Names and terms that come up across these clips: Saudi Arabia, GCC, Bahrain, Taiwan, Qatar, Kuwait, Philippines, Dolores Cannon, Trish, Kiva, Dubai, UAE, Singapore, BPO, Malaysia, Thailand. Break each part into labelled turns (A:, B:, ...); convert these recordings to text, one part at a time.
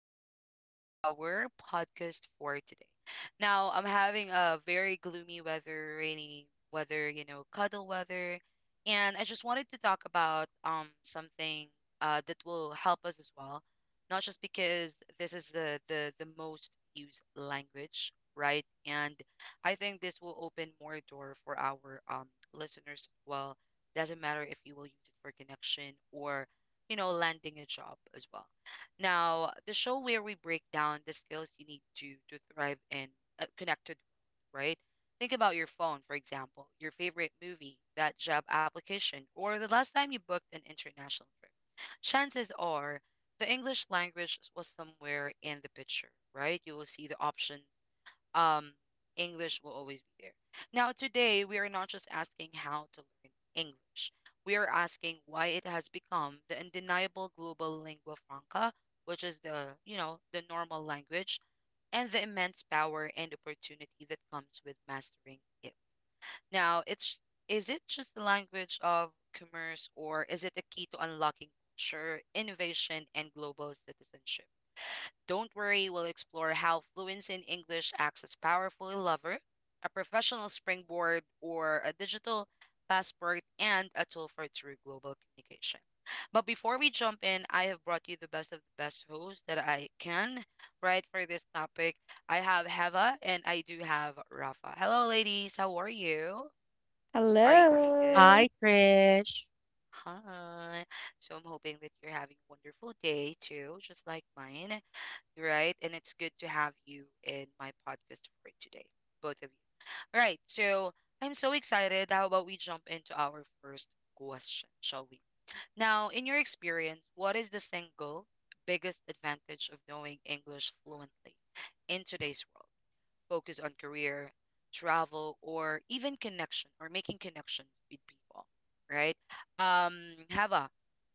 A: Welcome back to our podcast for today. Now, I'm having a very gloomy weather, rainy weather, you know, cuddle weather. And I just wanted to talk about something that will help us as well. Not just because this is the most used language, right? And I think this will open more door for our listeners as well. Doesn't matter if you will use it for connection or, you know, landing a job as well. Now, the show where we break down the skills you need to thrive in a world, right? Think about your phone, for example, your favorite movie, that job application, or the last time you booked an international trip. Chances are the English language was somewhere in the picture, right? You will see the options um, English will always be there. Now, today, we are not just asking how to learn English, we are asking why it has become the undeniable global lingua franca, which is the, you know, the normal language, and the immense power and opportunity that comes with mastering it. Now, it's is it just the language of commerce or is it a key to unlocking culture, innovation, and global citizenship? Don't worry, we'll explore how fluency in English acts as powerful lover, a professional springboard, or a digital passport, and a tool for true global communication. But before we jump in, I have brought you the best of the best hosts that I can, right, for this topic. I have Heva and I do have Rafa. Hello, ladies. How are you? Are you doing good?
B: Hello.
C: Hi, Trish.
A: Hi. So I'm hoping that you're having a wonderful day too, just like mine, right? And it's good to have you in my podcast for today, both of you. Right. So I'm so excited. How about we jump into our first question, shall we? Now, in your experience, what is the single biggest advantage of knowing English fluently in today's world? Focus on career, travel, or even connection or making connections with people, right? Hava,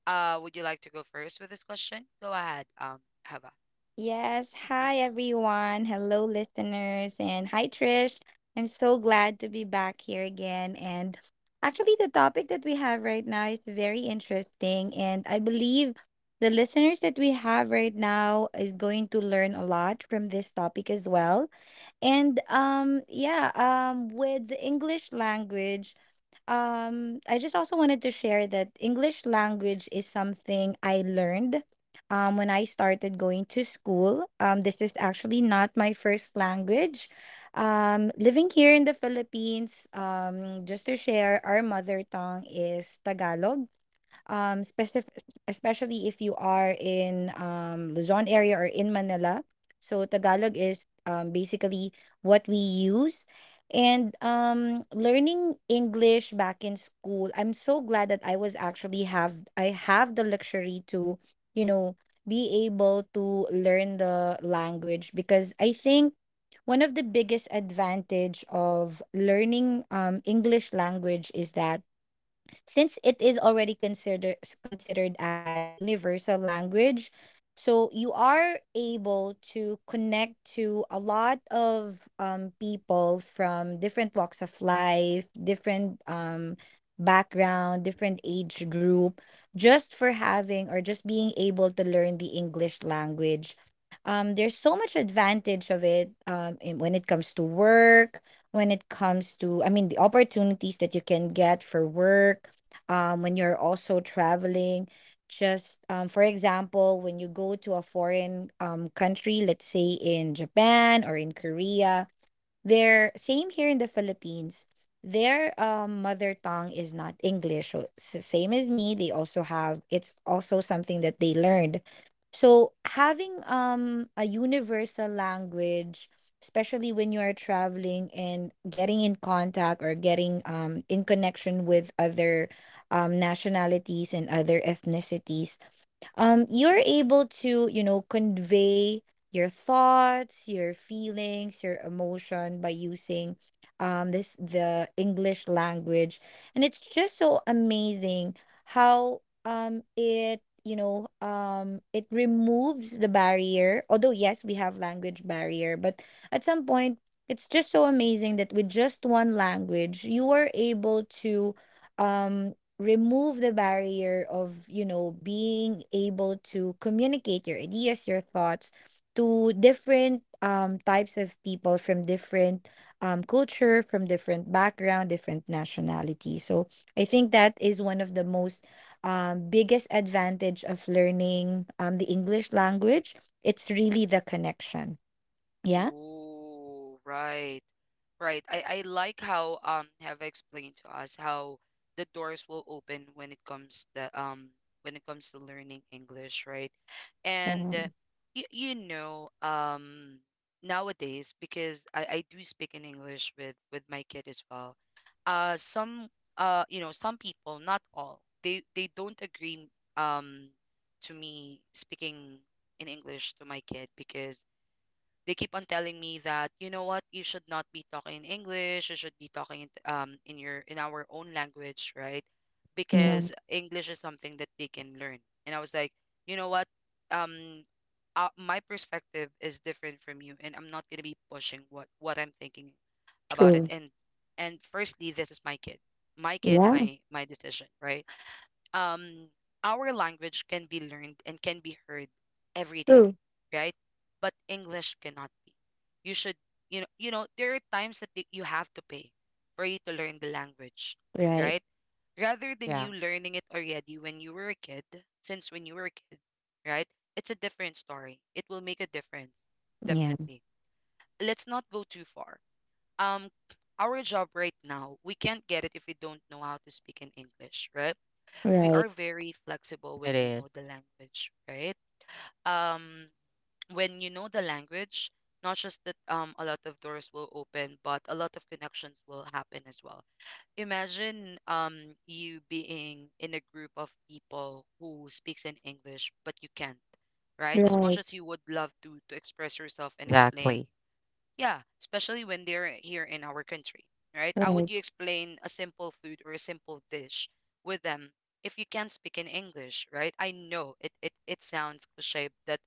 A: would you like to go first with this question? Go ahead, Hava.
B: Yes.
A: Mhm.
B: Hi, everyone. Hello, listeners. And hi, Trish. I'm so glad to be back here again. And actually, the topic that we have right now is very interesting. And I believe the listeners that we have right now is going to learn a lot from this topic as well. And with the English language, I just also wanted to share that English language is something I learned when I started going to school. This is actually not my first language. Living here in the Philippines, just to share, our mother tongue is Tagalog. Specific Especially if you are in Luzon area or in Manila. So Tagalog is basically what we use. And learning English back in school, I'm so glad that I have the luxury to, you know, be able to learn the language, because I think one of the biggest advantage of learning English language is that since it is already considered as universal language, so you are able to connect to a lot of people from different walks of life, different background, different age group, just for having or just being able to learn the English language. There's so much advantage of it, when it comes to work, when it comes to, I mean, the opportunities that you can get for work, when you're also traveling. Just for example, when you go to a foreign country, let's say in Japan or in Korea, their same here in the Philippines. Their mother tongue is not English. So it's the same as me, they also have, it's also something that they learned. So having a universal language, especially when you are traveling and getting in contact or getting in connection with other nationalities and other ethnicities, you're able to, you know, convey your thoughts, your feelings, your emotion by using this the English language, and it's just so amazing how it you know it removes the barrier. Although yes, we have language barrier, but at some point, it's just so amazing that with just one language you are able to um remove the barrier of, you know, being able to communicate your ideas, your thoughts to different types of people from different culture, from different background, different nationality. So I think that is one of the most biggest advantage of learning the English language. It's really the connection. Yeah,
A: Oh, right. Right. I like how have explained to us how the doors will open when it comes the when it comes to learning English, right? And
B: yeah,
A: you, you know, nowadays because I do speak in English with my kid as well. Some You know, some people, not all, they don't agree um to me speaking in English to my kid because they keep on telling me that, you know what, you should not be talking in English, you should be talking in your, in our own language, right?
B: yeah.
A: Because English is something that they can learn. And I was like, you know what, um my perspective is different from you, and I'm not going to be pushing what I'm thinking about it.
B: True.
A: And firstly, this is my kid. My kid,
B: Yeah.
A: my decision, right? um our language can be learned and can be heard every day,
B: True.
A: right? But English cannot be. You should, you know, there are times that you have to pay for you to learn the language,
B: Right.
A: right? Rather than you
C: Yeah,
A: learning it already when you were a kid. Since when you were a kid, right, it's a different story. It will make a difference,
B: Yeah.
A: definitely. Let's not go too far. um our job right now, we can't get it if we don't know how to speak in English, right? We
B: Right,
A: are very flexible when
C: it
A: we know
C: is.
A: the language, right? Um, when you know the language, not just that, a lot of doors will open, but a lot of connections will happen as well. Imagine you being in a group of people who speaks in English, but you can't, right? As much
B: right,
A: as you would love to express
C: Exactly.
A: yourself and explain. Yeah, especially when they're here in our country, right? How
B: right.
A: would you explain a simple food or a simple dish with them if you can't speak in English, right? I know it, it sounds cliche that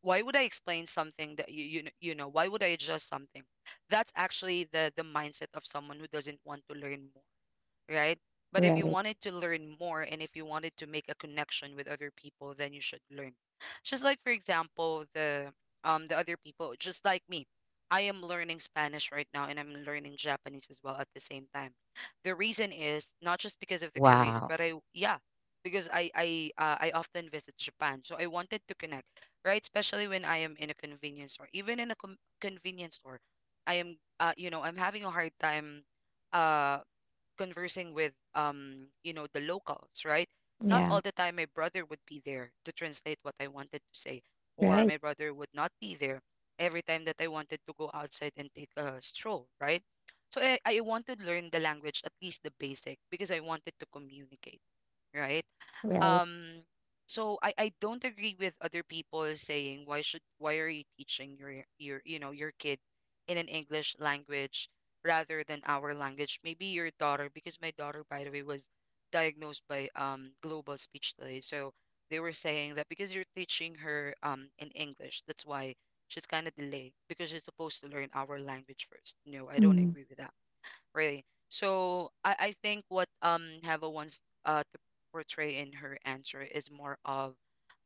A: why would I explain something that, you know, why would I adjust something? That's actually the mindset of someone who doesn't want to learn more, right? But if you
B: Right.
A: wanted to learn more and if you wanted to make a connection with other people, then you should learn. Just like, for example, the other people, just like me. I am learning Spanish right now, and I'm learning Japanese as well at the same time. The reason is not just because of the career,
C: Wow.
A: but I yeah, because I often visit Japan. So I wanted to connect, right? Especially when I am in a convenience store, even in a convenience store, I am, you know, I'm having a hard time uh conversing with, you know, the locals, right? Not
B: Yeah,
A: all the time my brother would be there to translate what I wanted to say, or
B: right,
A: my brother would not be there every time that I wanted to go outside and take a stroll, right? So I want to learn the language, at least the basic, because I wanted to communicate, right?
B: right,
A: Um, so I don't agree with other people saying, why should, why are you teaching your, your kid in an English language rather than our language. Maybe your daughter, because my daughter, by the way, was diagnosed by global speech delay. So they were saying that because you're teaching her in English, that's why she's kind of delayed, because she's supposed to learn our language first. No, I don't
B: mm,
A: agree with that really. So I think what Hava wants to portray in her answer is more of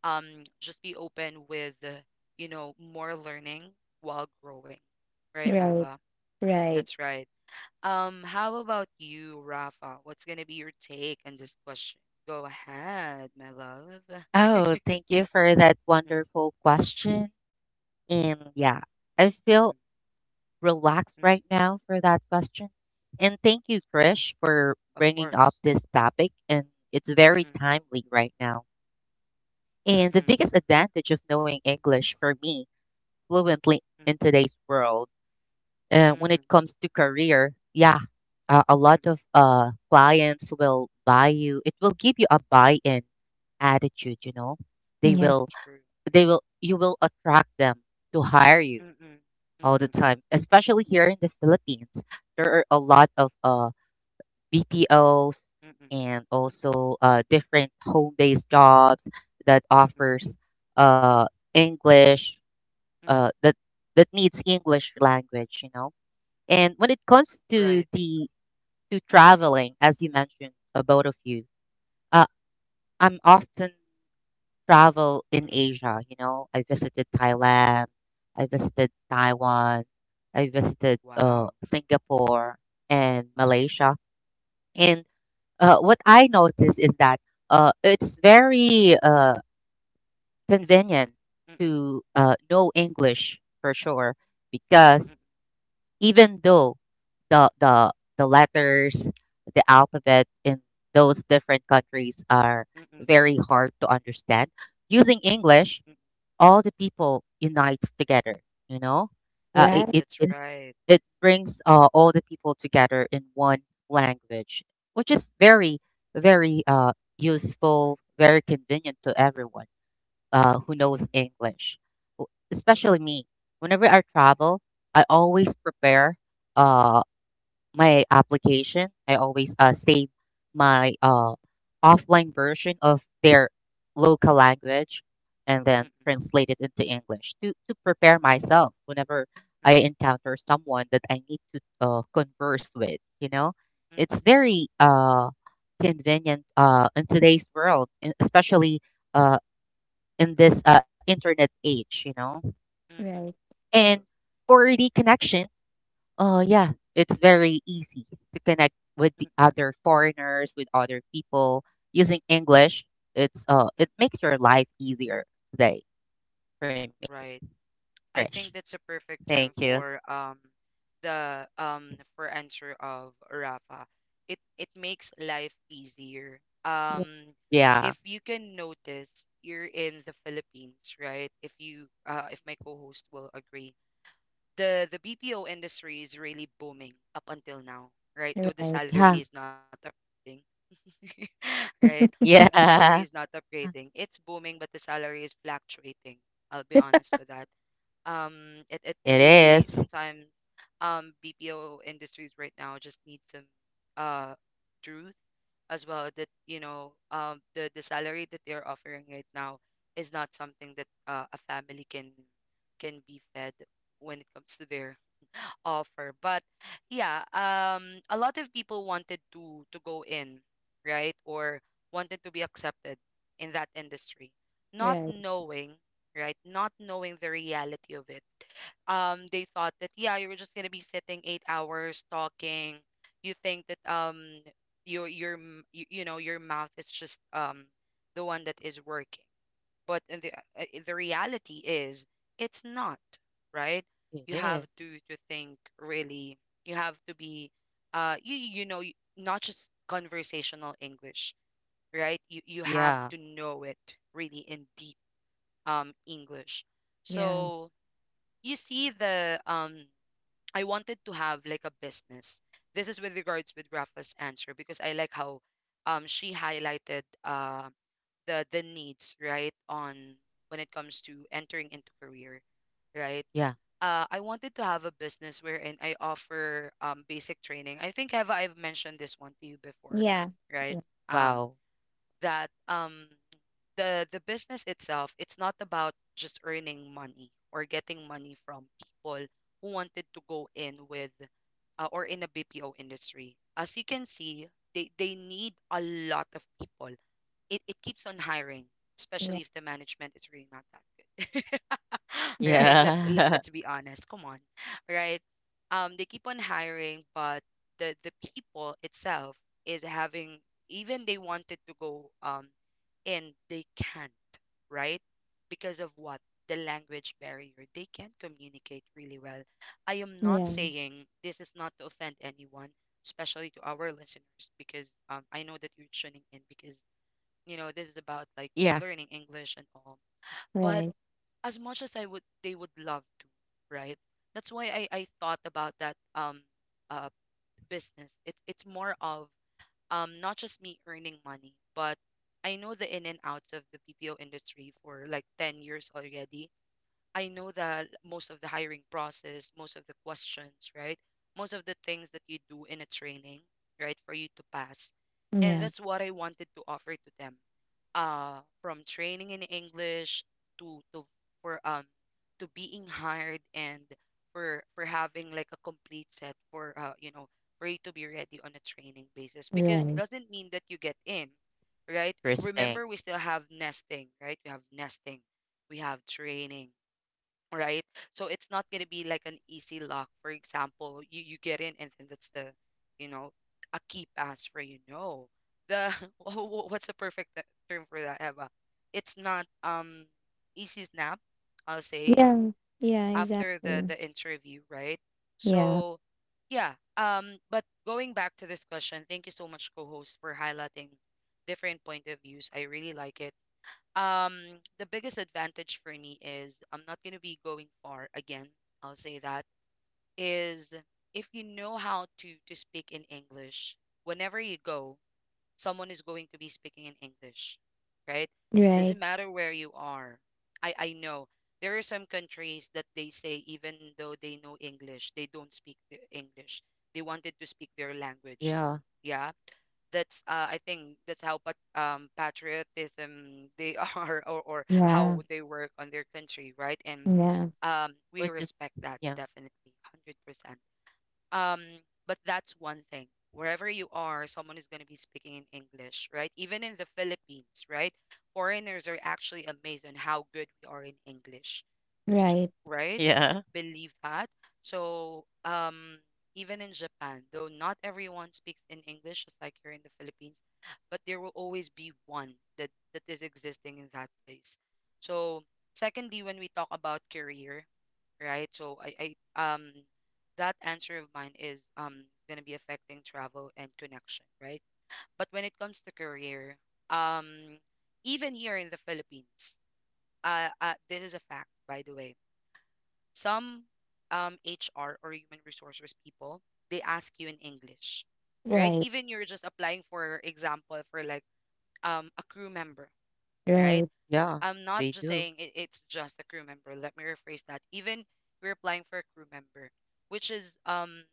A: just be open with, you know, more learning while growing, right,
B: right,
A: Hava?
B: right,
A: That's right. How about you, Rafa? What's gonna be your take on this question? Go ahead, my love.
C: Oh, thank you for that
A: Mm-hmm.
C: wonderful question. And yeah, I feel
A: Mm-mm.
C: relaxed
A: Mm.
C: right now for that question. And thank you, Trish, for
A: Of
C: bringing up
A: course.
C: this topic. And it's very
A: Mm-mm.
C: timely right now. And the
A: Mm-mm.
C: biggest advantage of knowing English for me fluently in
A: Mm-mm.
C: today's world, when it
A: Mm-mm.
C: comes to career, yeah, a lot
A: Mm-mm.
C: of clients will buy you. It will give you a buy-in attitude. You know, they
B: yeah,
C: will,
A: True.
C: they will, you will attract them to hire you
A: Mm-mm. Mm-mm.
C: all the
A: Mm-mm.
C: time. Especially here in the Philippines, there are a lot of BPOs
A: Mm-mm.
C: and also different home-based jobs that
A: Mm-mm.
C: offers uh, English,
A: Mm-mm.
C: uh, that that needs English language. You know, and when it comes
A: Right.
C: to traveling, as you mentioned, both of you, uh,
A: Mm.
C: I'm often travel in
A: Mm.
C: Asia. You know, I visited Thailand, I visited Taiwan, I visited
A: Wow.
C: Singapore and Malaysia. And what I noticed is that it's very convenient
A: Mm-mm.
C: to know English for sure
A: Mm-mm.
C: because even though the the the letters, the alphabet in those different countries are
A: Mm-mm.
C: very hard to understand. Using English,
A: Mm-mm.
C: all the people unites together. You know, uh, it,
B: right,
C: it
A: That's
C: it
A: right.
C: it brings all the people together in one language, which is very very useful, very convenient to everyone who
A: Mm-mm.
C: knows English, especially me. Whenever I travel, I always prepare uh, my application. I always save my offline version of their local language and then
A: Mm-mm.
C: translate it into English to prepare myself whenever I
A: Mm-mm.
C: encounter someone that I need to converse with. You know,
A: Mm-mm.
C: it's very convenient in today's world, especially uh, in this internet age, you know.
A: Mm-mm.
B: right,
C: And
A: True.
C: for the connection, yeah, it's very easy to connect with
A: Mm-mm.
C: the other foreigners, with other people using English. It's
A: Mm-mm.
C: it makes your life easier today for me,
A: Right.
C: Trish.
A: I think that's a
C: Thank
A: perfect
C: you.
A: term for the for answer of Rafa. It makes life easier. Um,
C: Yeah,
A: if you can notice, you're in the Philippines, right? If you, uh, if my co-host will agree, the BPO industry is really booming up until now, right?
B: yeah,
A: Though the
B: right,
A: salary
C: yeah,
A: is not upgrading, right? Though the salary is
C: yeah.
A: not upgrading, it's booming, but the salary is fluctuating. I'll be honest with that. It it
C: It
A: really
C: is.
A: sometimes, BPO industries right now just need some uh truth as well, that, you know, the salary that they're offering right now is not something that, a family can be fed when it comes to their offer. But yeah, a lot of people wanted to go in, right, or wanted to be accepted in that industry, not
B: right,
A: knowing, right, not knowing the reality of it. They thought that, yeah, you were just gonna be sitting eight hours talking. You think that your you, you know, your mouth is just the one that is working, but in the, in the reality is it's not, right? You
C: It
A: have
C: is.
A: to think really. You have to be, you not just conversational English, right? You have to
C: Yeah.
A: know it really in deep, English.
B: yeah,
A: So you see the I wanted to have like a business. This is with regards with Rafa's answer, because I like how she highlighted the needs, right, on when it comes to entering into career, right?
C: Yeah.
A: I wanted to have a business wherein I offer basic training. I think have I've mentioned this one to you before,
B: yeah,
A: right?
B: yeah,
A: Um
C: Wow.
A: that the business itself, it's not about just earning money or getting money from people who wanted to go in with, or in the BPO industry. As you can see, they need a lot of people. It keeps on hiring, especially
B: yeah,
A: if the management is really not that good. Right?
C: Yeah.
A: Let's be honest. Come on. Right? They keep on hiring, but the people itself is having, even they wanted to go in, they can't, right? Because of what? The language barrier. They can't communicate really well. I am not
B: yeah,
A: saying this is not to offend anyone, especially to our listeners, because I know that
C: yeah.
A: you're tuning in because you know this is about like learning English and all, but
B: right,
A: as much as I would they would love to, right? That's why I thought about that uh business. It's more of, not just me earning money, but I know the in and outs of the BPO industry for like 10 years already. I know that most of the hiring process, most of the questions, right, most of the things that you do in a training, right, for you to pass. And
B: yeah,
A: that's what I wanted to offer to them, from training in English, to for to being hired, and for having like a complete set for you to be ready on a training basis, because
B: right,
A: doesn't mean that you get in, right?
C: Interesting.
A: Remember, we still have nesting, right? We have nesting, we have training, right? So it's not going to be like an easy lock. For example, you get in and then that's the, you know, a key pass for you. No, the what's the perfect term for that, Eva? It's not easy snap, I'll say,
B: yeah, yeah,
A: after the
B: exactly,
A: the interview, right?
B: yeah,
A: So yeah, but going back to this question, thank you so much, co-host, for highlighting different point of views. I really like it. um the biggest advantage for me is I'm not going to be going far again. I'll say that is, if you know how to speak in English, whenever you go, someone is going to be speaking in English, right?
B: right,
A: Doesn't matter where you are. I know there are some countries that they say even though they know English, they don't speak the English. They wanted to speak their
C: Yeah.
A: language. Yeah, that's I think that's how patriotism they are, or
B: yeah,
A: how they work on their country, right? And
B: yeah,
C: Which
A: we
C: is
A: respect
C: yeah.
A: that definitely, 100%. Um, but that's one thing. Wherever you are, someone is going to be speaking in English, right? Even in the Philippines, right? Foreigners are actually amazed on how good we are in English,
B: right,
A: right?
C: Yeah.
A: Believe that. So, even in Japan, though not everyone speaks in English, just like here in the Philippines, but there will always be one that that is existing in that place. So, secondly, when we talk about career, right? So, I that answer of mine is gonna be affecting travel and connection, right? But when it comes to career, um, even here in the Philippines, this is a fact, by the way, some HR or human resources people, they ask you in English, right?
B: right,
A: Even you're just applying, for example, for like a crew member, right?
B: right,
C: Yeah.
A: I'm not
C: They
A: just
C: do.
A: saying it, it's just a crew member. Let me rephrase that. Even you're applying for a crew member, which is um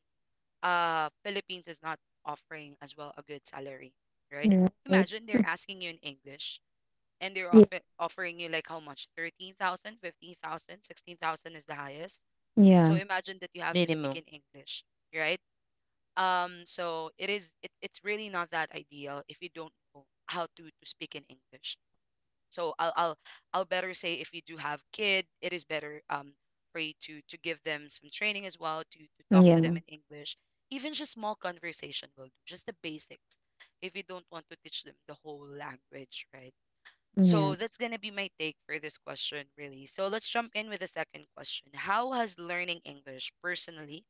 A: uh Philippines is not offering as well a good salary, right?
B: right,
A: Imagine they're asking you in English and they're
B: yeah,
A: offering you like how much. 13,000, 15,000, 16,000 is the highest. So
B: yeah,
A: imagine that you have to speak in
C: Minimum.
A: English, right? So it is, it's really not that ideal if you don't know how to speak in English. So I'll better say, if you do have kid, it is better, for you to give them some training as well to talk to them
B: yeah,
A: in English. Even just small conversation will do, just the basics, if you don't want to teach them the whole language, right? So
B: yeah,
A: that's going to be my take for this question, really. So let's jump in with the second question. How has learning English personally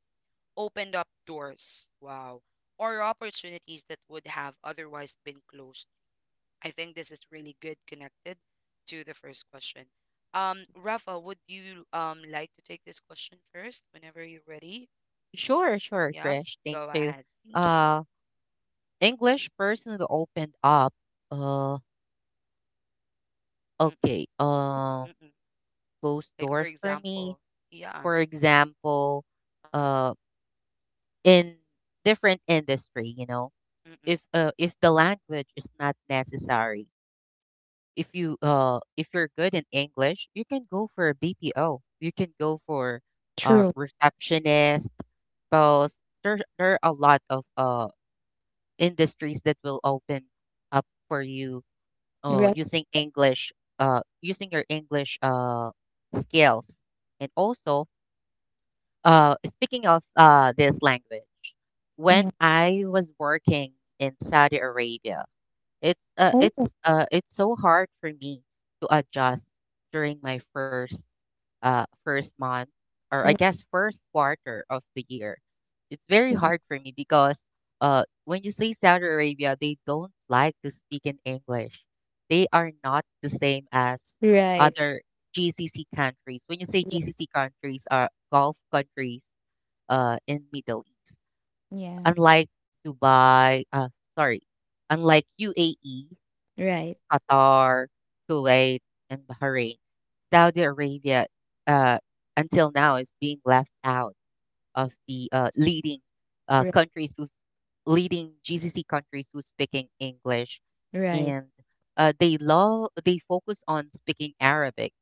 A: opened up doors? Wow. Or opportunities that would have otherwise been closed? I think this is really good connected to the first question. Rafa, would you like to take this question first whenever you're ready?
C: Sure, sure,
A: Yeah,
C: Trish. Thank
A: go
C: you.
A: ahead. Thank you.
C: Uh, English
A: Mm,
C: person who opened up. Uh,
A: mm-mm,
C: okay.
A: mm-mm.
C: Closed
A: Like for
C: doors for me.
A: example, yeah.
C: For example,
A: Mm-mm,
C: uh, in different industry, you know,
A: mm-mm,
C: if the language is not necessary, if you if you're good in English, you can go for a BPO. You can go for
B: true,
C: receptionist. Both There are a lot of industries that will open up for you oh
B: right,
C: using english, using your english skills. And also, speaking of this language, when
B: yeah,
C: I was working in Saudi Arabia,
B: oh,
C: it's so hard for me to adjust during my first first month, or I
B: right,
C: guess first quarter of the year. It's very
B: yeah,
C: hard for me because when you say Saudi Arabia, they don't like to speak in English. They are not the same as
B: right,
C: other GCC countries. When you say
B: yeah,
C: GCC countries, are Gulf countries in Middle East.
B: yeah,
C: Unlike Dubai, sorry, unlike UAE,
B: right,
C: Qatar, Kuwait, and Bahrain. Saudi Arabia, uh, until now, is being left out of the leading
B: right,
C: countries who's leading GCC countries who's speaking English,
B: right.
C: and they love they focus on speaking Arabic.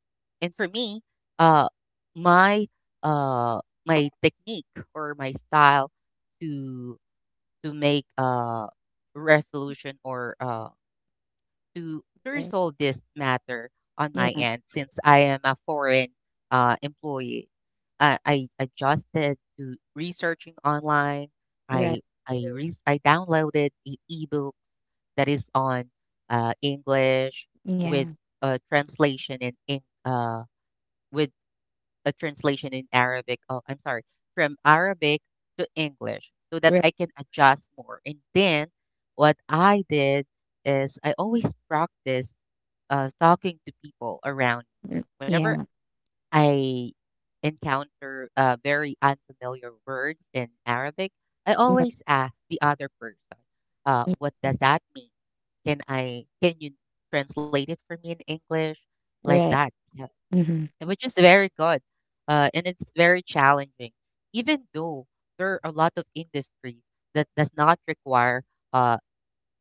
C: And for me, uh, my uh, my technique or my style to make a resolution, or to
B: Right.
C: resolve this matter on my
B: Yeah.
C: end since I am a foreign employee. I adjusted to researching online.
B: Right.
C: I I downloaded ebooks that is on English with
B: Yeah.
C: translation, uh, with a translation in Arabic. Oh, I'm sorry, from Arabic to English so that
B: Right.
C: I can adjust more. And then what I did is I always practice talking to people around me. Whenever
B: Yeah.
C: I encounter very unfamiliar words in Arabic, I
B: Yeah.
C: always ask the other person,
B: Yeah.
C: what does that mean? Can you translate it for me in English? Like
B: Right.
C: that,
B: Mm-hmm.
C: which is very good. And it's very challenging, even though there are a lot of industries that does not require uh,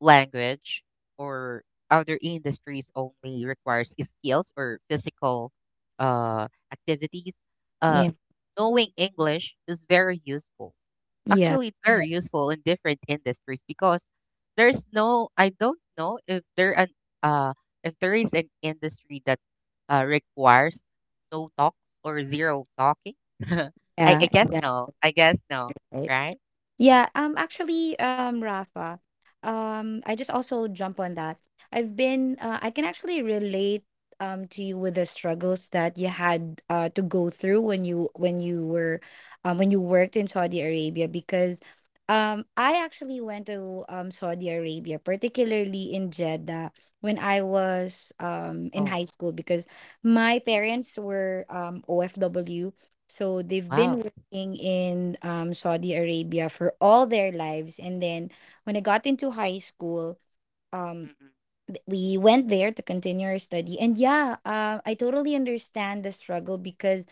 C: language, or other industries only requires skills or physical activities. Uh,
B: Yeah.
C: knowing English is very useful.
B: Yeah.
C: Actually, it's very useful in different industries because there's no, I don't know if there an uh if there is an industry that requires no talk or zero talking. I guess
B: Yeah.
C: no. I guess no,
B: Exactly.
C: right?
B: Yeah, actually, Rafa, I just also jump on that. I can actually relate to you with the struggles that you had to go through when you, when you were when you worked in Saudi Arabia, because I actually went to Saudi Arabia, particularly in Jeddah, when I was in
C: Oh,
B: high school because my
A: mm-mm,
B: parents were OFW, so they've
C: wow.
B: been in Saudi Arabia for all their lives. And then when I got into high school, um,
A: mm-mm.
B: we went there to continue our study. And yeah, I totally understand the struggle because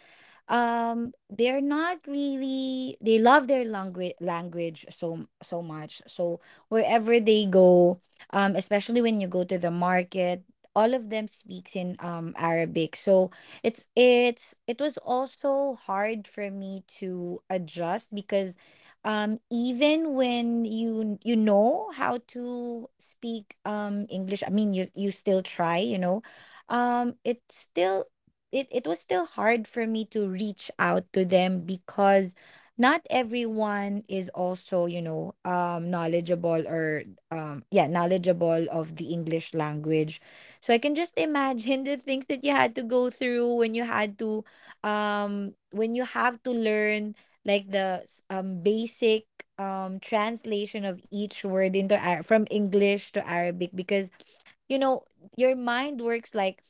B: they're not really, they love their language so so much, so wherever they go, especially when you go to the market, all of them speaks in Arabic. So it's it was also hard for me to adjust because even when you know how to speak English, I mean, you still try, you know, it's still, it was still hard for me to reach out to them because not everyone is also, you know, knowledgeable, or yeah knowledgeable of the English language. So I can just imagine the things that you had to go through when you had to when you have to learn, like basic translation of each word into from English to Arabic, because you know, your mind works like,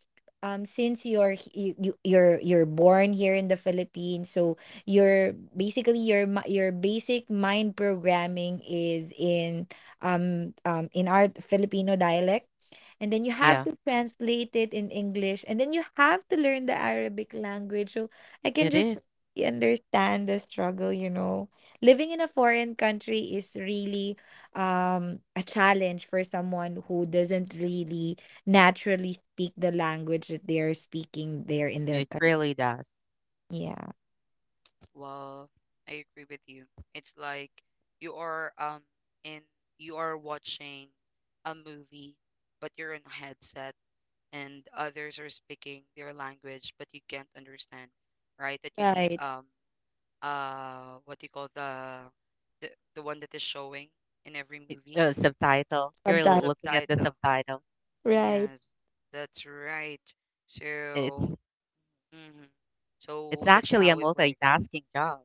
B: since you, you're you're born here in the Philippines, so you're basically, your basic mind programming is in our Filipino dialect, and then you have
C: Yeah,
B: to translate it in English, and then you have to learn the Arabic language. So I
C: it
B: can just
C: is.
B: really understand the struggle, you know. Living in a foreign country is really a challenge for someone who doesn't really naturally speak the language that they are speaking there in their
C: It
B: country.
C: really does.
B: Yeah.
A: Well, I agree with you. It's like you are um in you are watching a movie, but you're in a headset and others are speaking their language, but you can't understand, right? That you need,
B: Right.
A: what do you call the the one that is showing in every movie?
C: Subtitle. You're
B: Sometimes.
C: looking at the
A: Subtitle.
C: subtitle.
B: Right.
A: Yes, that's right. So,
C: It's
A: mhm.
C: it's
A: So that's
C: actually a
A: how it works.
C: multitasking job.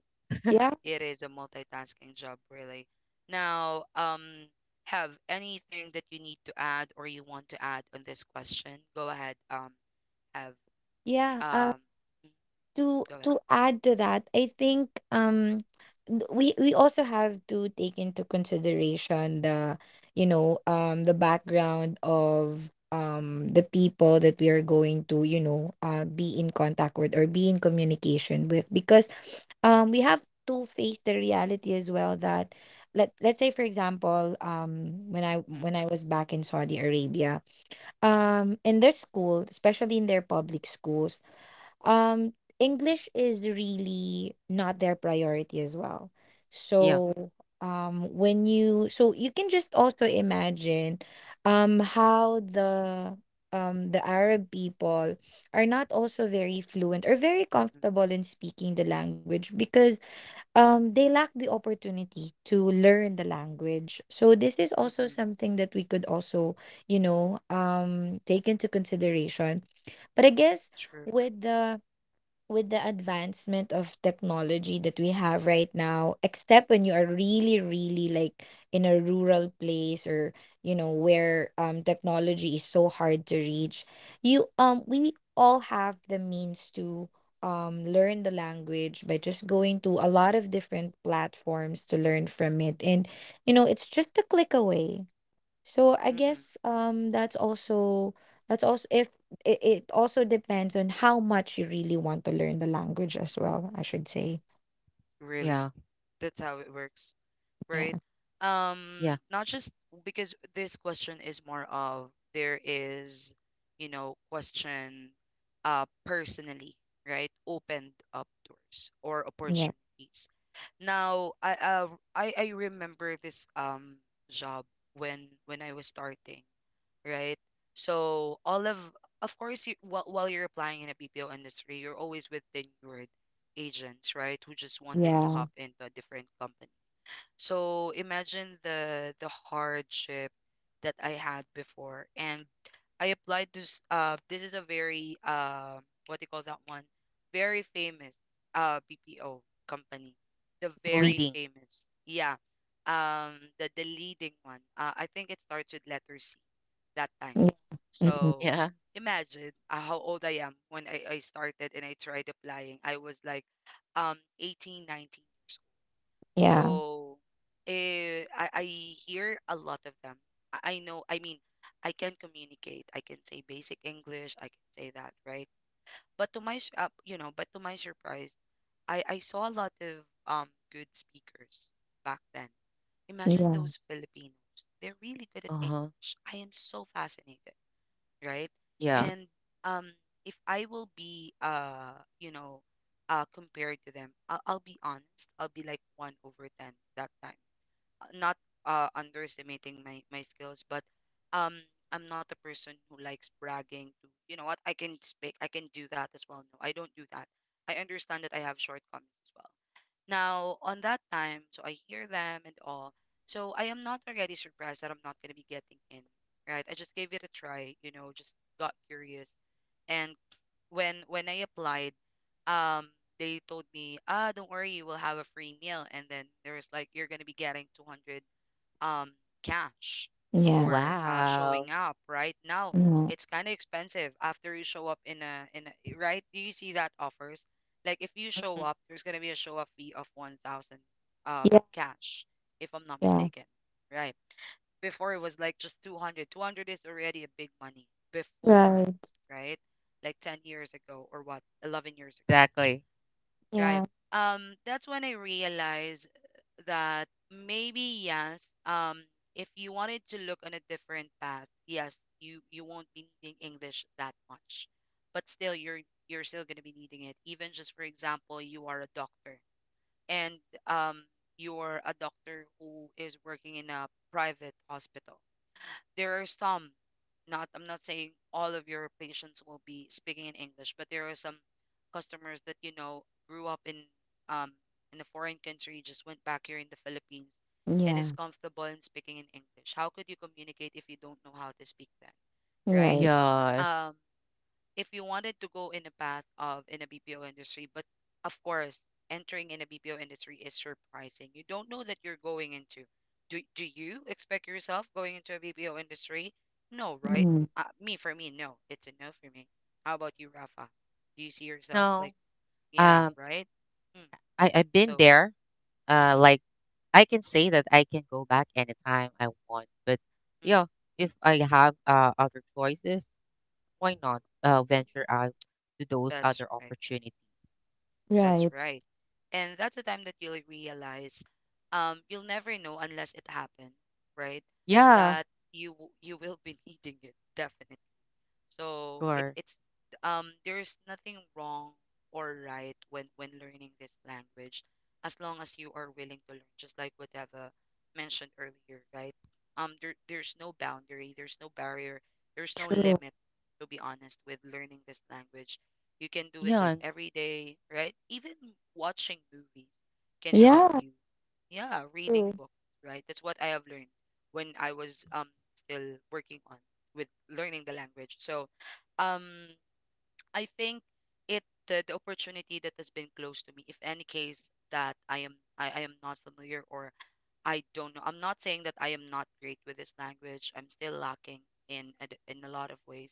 B: Yeah.
A: It is a multitasking job, really. Now, have anything that you need to add or you want to add on this question? Go ahead. Have
B: Yeah.
A: um, mm,
B: To
A: Go ahead.
B: to add to that, I think we also have to take into consideration the, you know, the background of the people that we are going to, you know, be in contact with or be in communication with, because we have to face the reality as well that, let's say for example, when I,
A: Mm,
B: when I was back in Saudi Arabia, in their school, especially in their public schools, um
A: mm,
B: English is really not their priority as well.
C: Yeah,
B: So when you, so you can just also imagine how the Arab people are not also very fluent or very
A: mm, mm,
B: comfortable in speaking the language, because they lack the opportunity to learn the language. So this is
A: mm,
B: also
A: mm,
B: something that we could also, you know, take into consideration. But I guess
A: true.
B: with the, with the advancement of technology that we have right now, except when you are really, really, like, in a rural place or, you know, where technology is so hard to reach, you we all have the means to learn the language by just going to a lot of different platforms to learn from it. And you know, it's just a click away. So I
A: Mm, mm.
B: guess that's also, that's also if it, it also depends on how much you really want to learn the language as well, I should say.
C: yeah,
A: Really, that's how it works, right?
B: Yeah.
C: yeah.
A: Not just, because this question is more of, there is, question, personally, right? Opened up doors or
B: Yeah.
A: opportunities. Now, I remember this job when I was starting, right? So all of course, you while you're applying in a BPO industry, you're always with tenured agents, right? Who just wanted to
B: Yeah.
A: hop into a different company. So imagine the hardship that I had before, and I applied to. This is a very what do you call that one? Very famous BPO company. The very
C: Leading.
A: famous, yeah. The leading one. I think it starts with letter C that time.
B: Yeah. Yeah. Mhm.
A: So
C: Yeah.
A: imagine, how old I am when I started and I tried applying. I was like 18, 19.
B: Yeah.
A: So, I hear a lot of them. I know, I mean, I can communicate. I can say basic English. I can say that, right? But to my surprise, I saw a lot of good speakers back then. Imagine
B: Yeah.
A: those Filipinos. They're really good at
C: Uh huh.
A: English. I am so fascinated, right?
C: Yeah.
A: And, um, if I will be, compared to them, I'll be honest. I'll be like one over ten that time, not underestimating my skills, but, um, I'm not a person who likes bragging. To you know what, I can speak, I can do that as well. No, I don't do that. I understand that I have shortcomings as well. Now, on that time, so I hear them and all. So I am not already surprised that I'm not going to be getting in, right? I just gave it a try, you know, just got curious. And when I applied, um, they told me, ah, don't worry, you will have a free meal. And then there was like, you're gonna be getting 200 um cash
B: Yeah.
A: for
C: Wow.
A: showing up right now.
B: Mhm.
A: It's kind of expensive after you show up in a eh, right, do you see that offers? Like if you show
C: Mhm.
A: up, there's going to be a show up fee of 1000
B: Yeah.
A: cash, if I'm not
B: Yeah.
A: mistaken, right? Before it was like just 200, 200 is already a big money before,
B: Right.
A: right? Like 10 years ago or what, 11 years ago.
C: Exactly.
A: Right.
B: Yeah.
A: That's when I realized that maybe yes, if you wanted to look on a different path, yes, you won't be needing English that much, but still you're still going to be needing it. Even just for example, you are a doctor, and, um, you're a doctor who is working in a private hospital. There are some, not, I'm not saying all of your patients will be speaking in English, but there are some customers that, you know, grew up in, um in a foreign country, just went back here in the Philippines, and is
B: Yeah.
A: comfortable in speaking in English. How could you communicate if you don't know how to speak that, right?
B: Right.
C: Yes.
A: Um if you wanted to go in the path of in a BPO industry, but of course, entering in a BPO industry is surprising. You don't know that you're going into. Do do you expect yourself going into a BPO industry? No, right?
B: Mhm.
A: Me For me, no. It's a no for me. How about you, Rafa? Do you see yourself
C: No.
A: like, yeah,
C: Um.
A: right? Mm.
C: I've been
A: So,
C: there.
A: mm-mm,
C: Like, I can say that I can go back anytime I want. But
A: mm,
C: yeah, if I have other choices, why not venture out to those
A: that's
C: other
A: right.
C: opportunities?
A: That's
B: Right.
A: right. And that's the time that you'll realize, you'll never know unless it happened, right?
C: Yeah.
A: That you you will be needing it definitely.
C: Of
A: So it
C: course.
A: it's there is nothing wrong or right when learning this language, as long as you are willing to learn, just like what Eva mentioned earlier, right? There's no boundary, there's no barrier, there's no
B: True.
A: limit, to be honest, with learning this language. You can do it
C: Yeah.
A: like every day, right? Even watching movies can help
B: Yeah.
A: you. Yeah, reading
B: True.
A: books, right? That's what I have learned when I was, still working on with learning the language. So, um, I think the opportunity that has been closed to me, if any case that I am, I am not familiar or I don't know. I'm not saying that I am not great with this language. I'm still lacking in a lot of ways,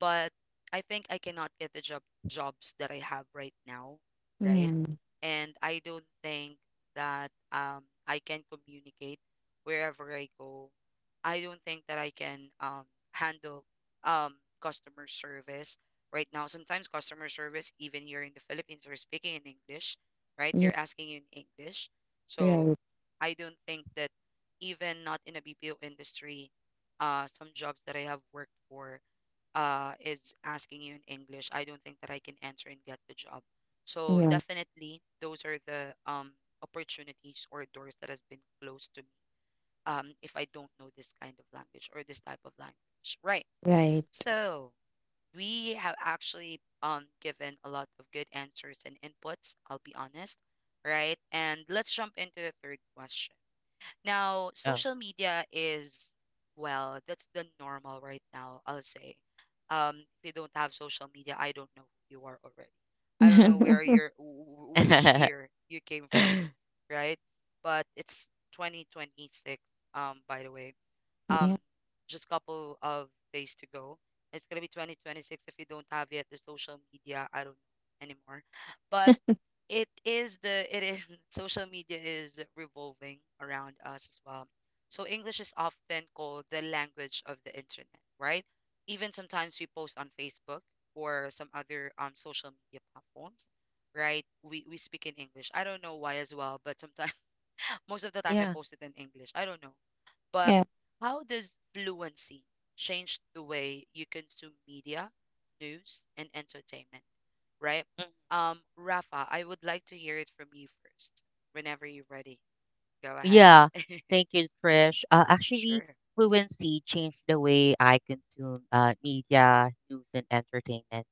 A: but I think I cannot get the job jobs that I have right now, right?
B: Yeah.
A: And I don't think that I can communicate wherever I go. I don't think that I can handle um customer service right now. Sometimes customer service even here in the Philippines are speaking in English, right?
B: Yeah.
A: They're asking you in English.
B: Right.
A: So I don't think that, even not in a BPO industry, some jobs that I have worked for, is asking you in English, I don't think that I can answer and get the job. So
B: Yeah.
A: definitely, those are the opportunities or doors that has been closed to me, if I don't know this kind of language or this type of language. Right.
B: Right.
A: So we have actually, given a lot of good answers and inputs. I'll be honest. Right. And let's jump into the third question. Now,
C: Oh.
A: social media is, well, that's the normal right now, I'll say. If you don't have social media, I don't know who you are already. I don't know where you're, which year you came from, right? But it's 2026, by the way. Um,
B: Yeah.
A: just a couple of days to go. It's gonna be 2026 if you don't have yet the social media. I don't know anymore. But it is social media is revolving around us as well. So English is often called the language of the internet, right? Even sometimes we post on Facebook or some other social media platforms, right? We speak in English. I don't know why as well, but sometimes most of the time I
C: yeah.
A: post it in English. I don't know. But
B: Yeah.
A: how does fluency change the way you consume media, news, and entertainment? Right?
C: Mhm.
A: Rafa, I would like to hear it from you first. Whenever you're ready, go ahead.
C: Yeah, thank you,
A: Mhm.
C: Trish. Actually,
A: Sure.
C: fluency changed the way I consume media, news, and entertainment.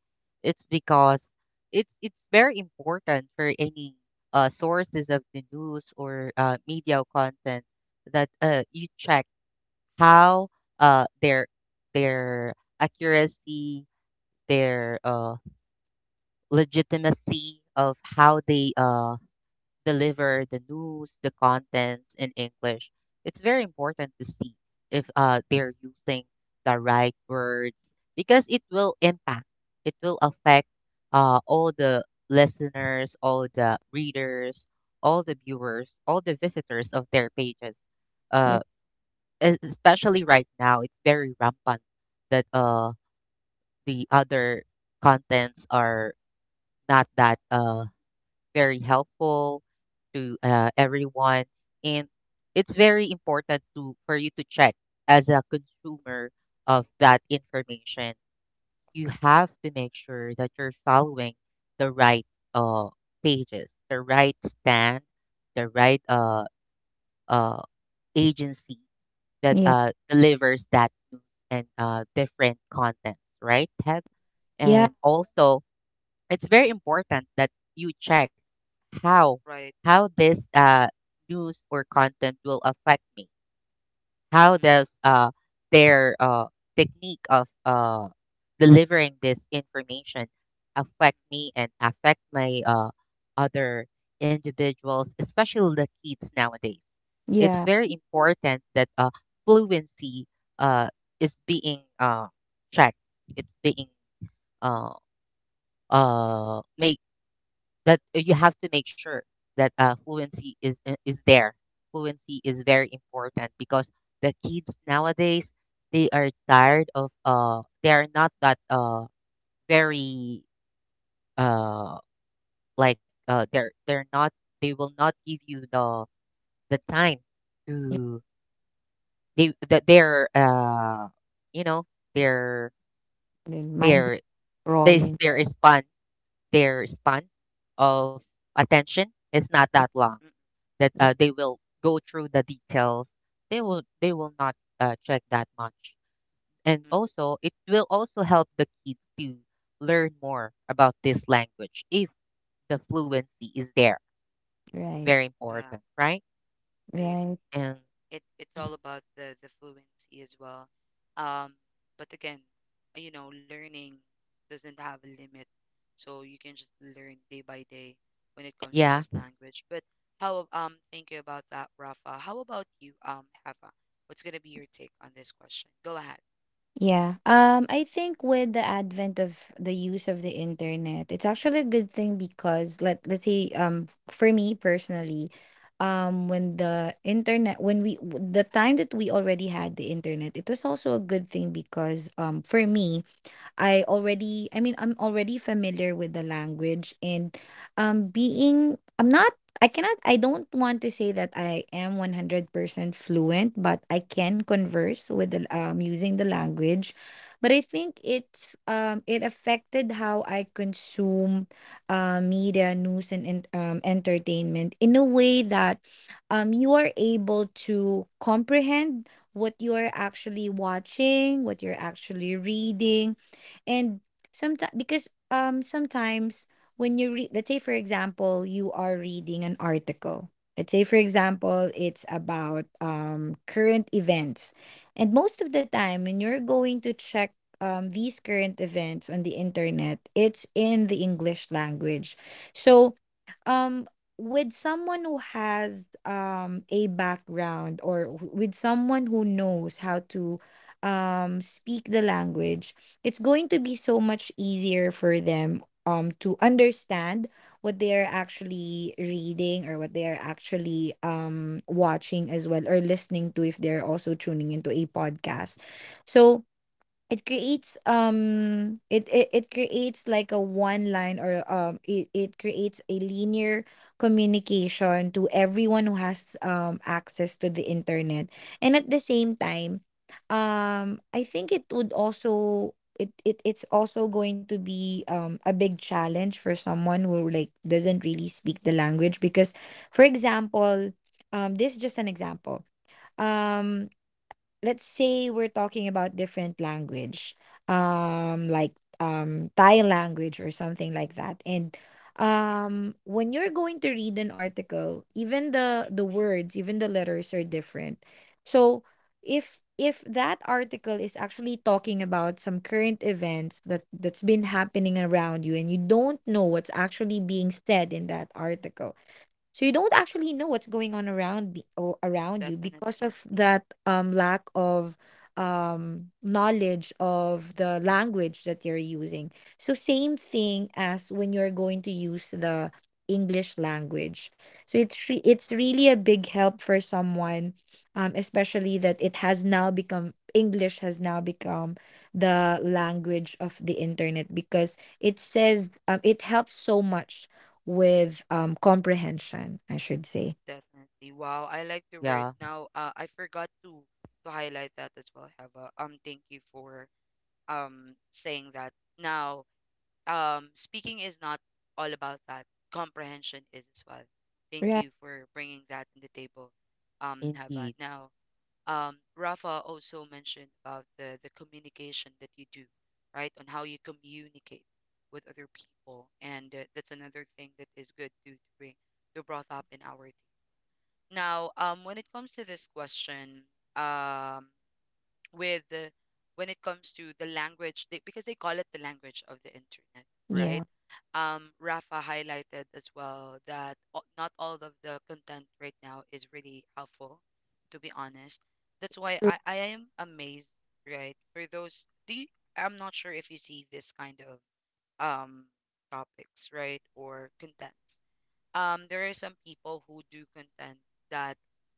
C: It's because it's very important for any sources of the news or media content that you check how uh, their their accuracy, their legitimacy of how they deliver the news, the contents in English. It's very important to see if they're using the right words because it will affect all the listeners, all the readers, all the viewers, all the visitors of their pages. Uh,
B: Right.
C: especially right now, it's very rampant that the other contents are not that very helpful to everyone, and it's very important to for you to check as a consumer of that information. You have to make sure that you're following the right uh, pages, the right stand, the right uh, agency that
B: Yeah.
C: delivers that news and different contents, right? Have
B: Yeah.
C: and also, it's very important that you check how
A: Right.
C: how this news or content will affect me. How
A: Mm,
C: does their technique of delivering this information affect
A: mm,
C: me and affect my other individuals, especially the kids nowadays? It's
B: Yeah.
C: very important that fluency uh, is being checked. It's being uh,
A: mm,
C: make that you have to make sure that fluency is there. Fluency is very important because the kids nowadays, they are tired of they are not that very uh they're not, they will not give you the time to they that they're
A: mm, mm,
C: you know, their
B: And mind
C: their
B: scrolling.
C: their span of attention is not that long,
A: mm,
C: that
B: Yeah,
C: they will go through the details. They will not check that much. And
A: mm, mm.
C: also it will also help the kids to learn more about this language if the fluency is there,
B: right,
C: very
A: Yeah,
C: important, right?
A: I agree.
B: right.
C: And
A: It's all
C: Mhm.
A: about the fluency as well. Um, but again, you know, learning doesn't have a limit, so you can just learn day by day when it comes to
C: yeah
A: this language. But how thank you about that, Rafa. How about you, Hava? What's gonna be your take on this question? Go ahead.
B: Yeah. I think with the advent of the use of the internet, it's actually a good thing because, let's say for me personally, when the internet, the time that we already had the internet, it was also a good thing because for me, I already, I mean, I'm already familiar with the language, and being I'm not, I don't want to say that I am 100% fluent, but I can converse with the, using the language. But I think it's it affected how I consume media, news, and entertainment, in a way that you are able to comprehend what you are actually watching, what you're actually reading. And sometimes, because sometimes when you read, let's say for example, you are reading an article, let's say for example it's about current events, and most of the time when you're going to check these current events on the internet, it's in the English language. So um with someone who has a background, or with someone who knows how to speak the language, it's going to be so much easier for them to understand what they are actually reading or what they are actually watching as well, or listening to if they're also tuning into a podcast. So it creates it it creates like a one line, or it creates a linear communication to everyone who has access to the internet. And at the same time, I think it would also, it it's also going to be a big challenge for someone who, like, doesn't really speak the language because, for example, this is just an example. Um let's say we're talking about different language like Thai language or something like that. And
A: Sure.
B: when you're going to read an article, even
A: Mm,
B: the words, even the letters are different. So if that article is actually talking about some current events that's been happening around you, and you don't know what's actually being said in that article, so you don't actually know what's going on around be- or around you because
A: Definitely,
B: of that lack of knowledge of the language that you're using. So same thing as when you're going to use the English language. So it's really a big help for someone, especially that it has now become the language of the internet, because it says it helps so much with comprehension, I should say.
A: definitely. Wow, I like the word.
C: yeah
A: Now, I forgot to highlight that as well, Heva. Thank you for saying that. Now, speaking is not all about that. Comprehension is as well. Thank
B: Right.
A: you for bringing that in the table, Heva.
C: indeed
A: Now, Rafa also mentioned about the communication that you do, right? On how you communicate with other people, and that's another thing that is good to bring to brought up in our team. Now, when it comes to this question, um, with the, when it comes to the language they, because they call it the language of the internet,
B: Yeah.
A: right? Rafa highlighted as well that not all of the content right now is really helpful, to be honest. That's why
B: True.
A: I am amazed, right? For those do you, I'm not sure if you see this kind of um topics, right, or contents. There are some people who do contend that,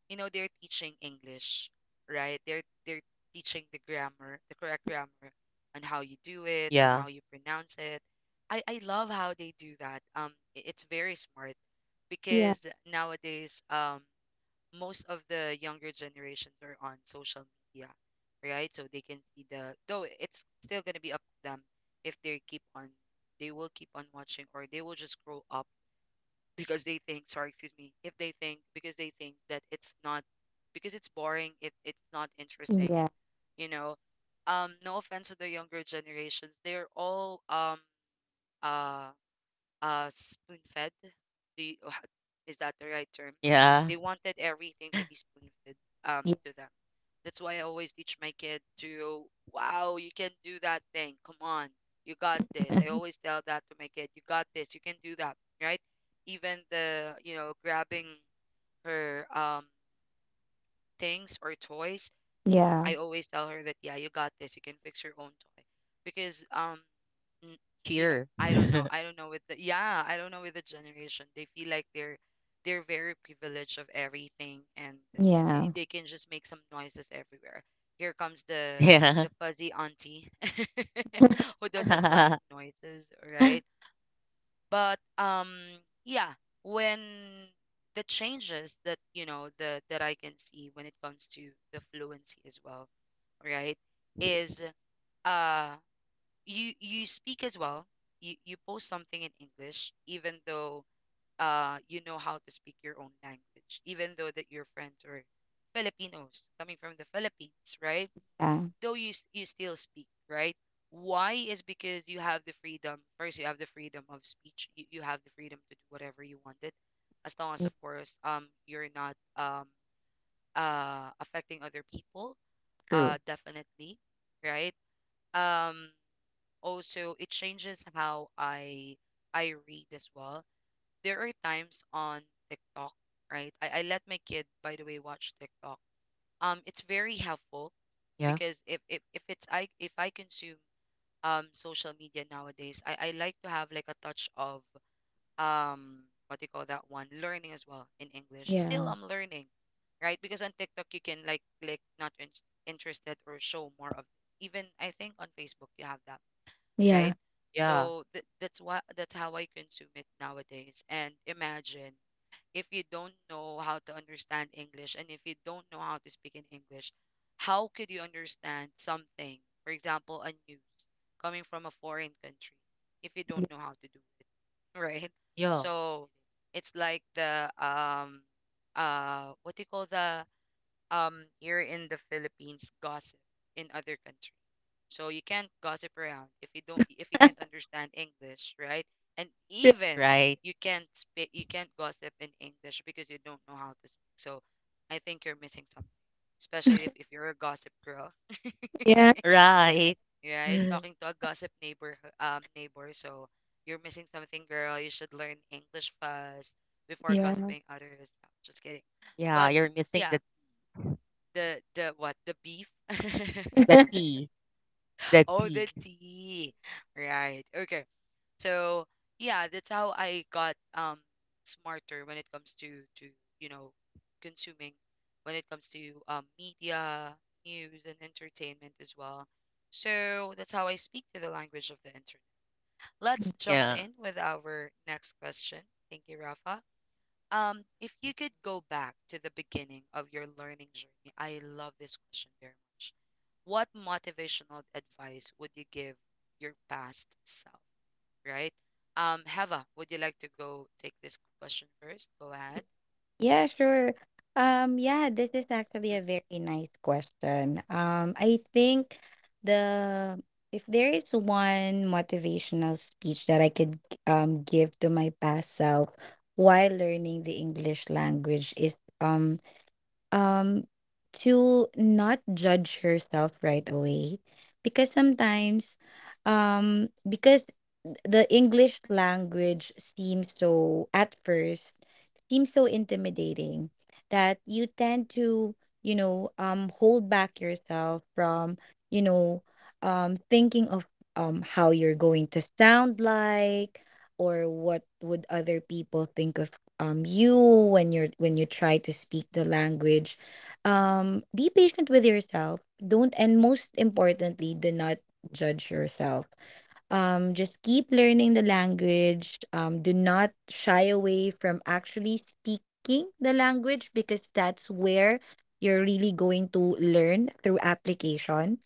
A: you know, they're teaching English, right? They're teaching the grammar, the correct grammar, on how you do it, on
C: yeah
A: how you pronounce it. I love how they do that. It's very smart
B: Yeah.
A: because nowadays most of the younger generations are on social media, right? So they can see the, though it's still gonna be up to them if they keep on, they will keep on watching, or they will just grow up because they think, sorry, excuse me, if they think, because they think that it's not, because it's boring if it's not interesting,
B: Yeah.
A: you know. No offense to the younger generations, they're all uh spoon fed, the is that the right term?
C: yeah
A: They wanted everything to be spoon fed,
B: Yeah.
A: to them. That's why I always teach my kid to, wow, you can do that thing, come on, you got this. I always tell that to my kid, you got this, you can do that, right? Even the, you know, grabbing her things or toys,
B: Yeah.
A: I always tell her that, yeah, you got this, you can fix your own toy. Because n- you know,
C: cheer
A: I don't know, I don't know with the, yeah, I don't know with the generation, they feel like they're very privileged of everything, and
B: Yeah.
A: they can just make some noises everywhere. Here comes
C: yeah
A: the fuzzy auntie who doesn't like noises, right? But yeah, when the changes that, you know, the that I can see when it comes to the fluency as well, right, is uh you, you speak as well. You post something in English, even though you know how to speak your own language, even though that your friends are Filipinos coming from the Philippines, right?
B: Yeah.
A: Though you you still speak, right? Why is because you have the freedom. First, you have the freedom of speech. You have the freedom to do whatever you wanted, as long as,
B: Yeah.
A: of course, you're not affecting other people.
B: True.
A: Definitely, right? Um, also it changes how I read as well. There are times on TikTok, right? I let my kid, by the way, watch TikTok. It's very helpful
C: yeah
A: because if it's, I if I consume social media nowadays, I like to have like a touch of what do you call that one? Learning as well in English.
B: Yeah.
A: Still I'm learning, right? Because on TikTok you can like click not interested or show more of this. Even I think on Facebook you have that,
B: Yeah.
A: right?
C: yeah
A: So that's what, that's how I consume it nowadays. And imagine, if you don't know how to understand English and if you don't know how to speak in English, how could you understand something? For example, a news coming from a foreign country, if you don't know how to do it, right?
C: yeah
A: So it's like the what do you call the here in the Philippines gossip in other countries, so you can't gossip around if you don't, if you can't understand English, right? And
B: Yeah.
A: even
C: right
A: you can't speak, you can't gossip in English because you don't know how to speak. So I think you're missing something, especially if you're a gossip girl,
B: Yeah.
C: right
A: right? Talking to a gossip neighbor neighbor, so you're missing something, girl. You should learn English first before
B: Yeah.
A: gossiping others. No, just kidding.
C: yeah
A: But
C: you're missing
A: yeah, the what the beef?
C: the t the
A: Oh,
C: t.
A: the tea. Right. Okay. So yeah, that's how I got smarter when it comes to, you know, consuming, when it comes to, media, news, and entertainment as well. So that's how I speak to the language of the internet. Let's jump
C: Yeah.
A: in with our next question. Thank you, Rafa. If you could go back to the beginning of your learning journey, I love this question very much. What motivational advice would you give your past self? Right? Heva, would you like to go take this question first? Go ahead.
B: Yeah, sure. Yeah, this is
A: Mm,
B: actually a very nice question. I think the if there is one motivational speech that I could give to my past self while learning the English language is um to not judge yourself right away, because sometimes, because the English language seems so at first, seems so intimidating that you tend to, you know, hold back yourself from, you know, thinking of how you're going to sound like, or what would other people think of you when you try to speak the language. Be patient with yourself, don't and most importantly, do not judge yourself. Just keep learning the language. Do not shy away from actually speaking the language, because that's where you're really going to learn through application.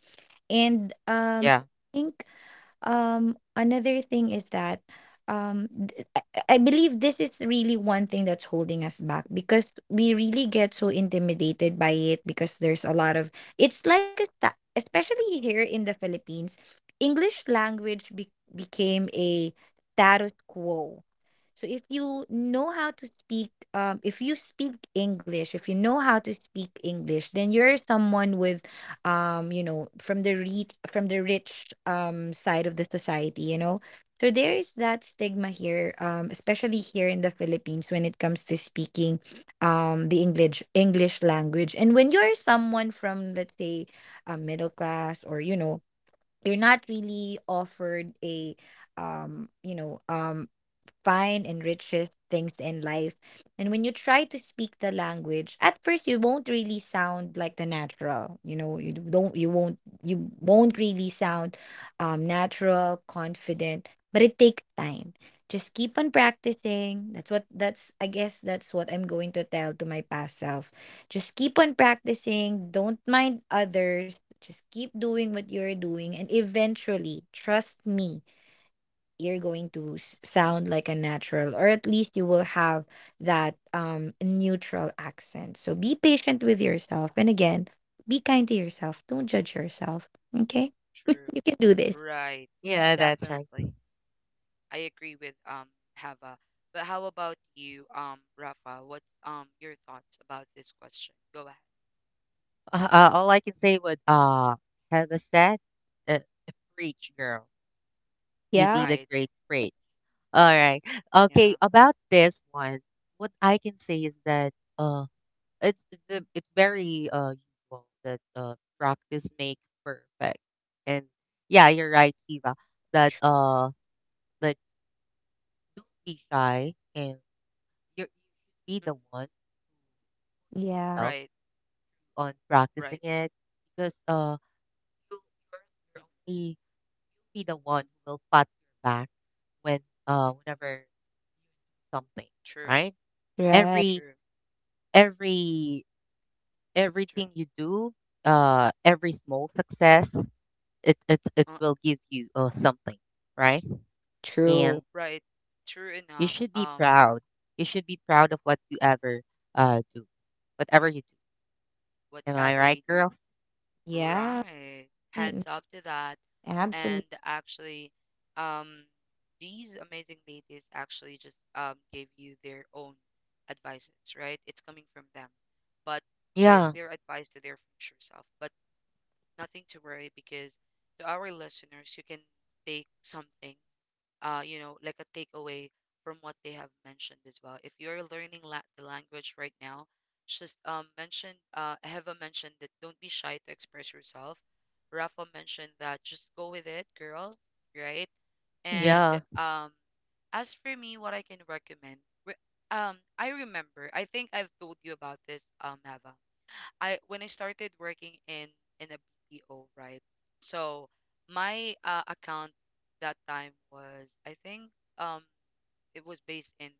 B: And
C: Yeah.
B: I think another thing is that um th- I I believe this is really one thing that's holding us back, because we really get so intimidated by it. Because there's a lot of, it's like a sta- especially here in the Philippines, English language became a status quo. So if you know how to speak, if you speak English, if you know how to speak English, then you're someone with, you know, from the reach from the rich side of the society, you know. So there is that stigma here, especially here in the Philippines, when it comes to speaking the English language. And when you're someone from, let's say, a middle class, or you know, you're not really offered a you know find and richest things in life. And when you try to speak the language, at first you won't really sound like the natural. You know, you won't really sound natural, confident, but it takes time. Just keep on practicing. That's what that's I guess that's what I'm going to tell to my past self. Just keep on practicing. Don't mind others. Just keep doing what you're doing, and eventually, trust me, you're going to sound like a natural, or at least you will have that neutral accent. So be patient with yourself, and again, be kind to yourself. Don't judge yourself. Okay,
A: true.
B: you can do this.
A: Right.
C: Yeah, that's right.
A: Definitely. I agree with Heva. But how about you, Rafa? What's your thoughts about this question? Go ahead.
C: All I can say would have a set uh, preach girl. You
B: Yeah.
C: did a
A: Right.
C: great preach. All right.
A: Yeah.
C: Okay, about this one, what I can say is that uh it's very usual that practice makes perfect. And yeah, you're right, Kiva, that that don't be shy, and you should be
A: Mm,
C: the one who push
B: Yeah.
C: yourself
A: right.
C: on practicing
A: Right.
C: it, because you you're, you're
A: Mm,
C: only you'll be the one who will pat your back when
A: mm,
C: whenever you do something,
A: true.
C: right?
B: Right.
C: every
A: True.
C: every
A: True.
C: everything you do, every small success, it
A: Uh,
C: will give you something, right?
B: True.
C: And
A: right. True
C: you
A: enough.
C: should be proud, you should be proud
A: True.
C: of what you ever do, whatever you do. Am I
A: Whatever
C: right,
A: you.
C: girls?
B: Yeah.
A: Right.
B: mm,
A: Heads up to that.
B: absolutely.
A: And actually, um, these amazing ladies actually just gave you their own advices, right? It's coming from them, but
C: Yeah
A: their advice to their future self. But nothing to worry, because to our listeners, you can take something, you know, like a takeaway from what they have mentioned as well. If you're learning the language right now, just mention, Heva mentioned that don't be shy to express yourself. Rafa mentioned that just go with it, girl, right?
B: Yeah.
A: And
C: yeah
A: um, as for me, what I can recommend, re- I remember, I think I've told you about this, Heva. I when I started working in a BPO, right? So my account that time was I think um it was based in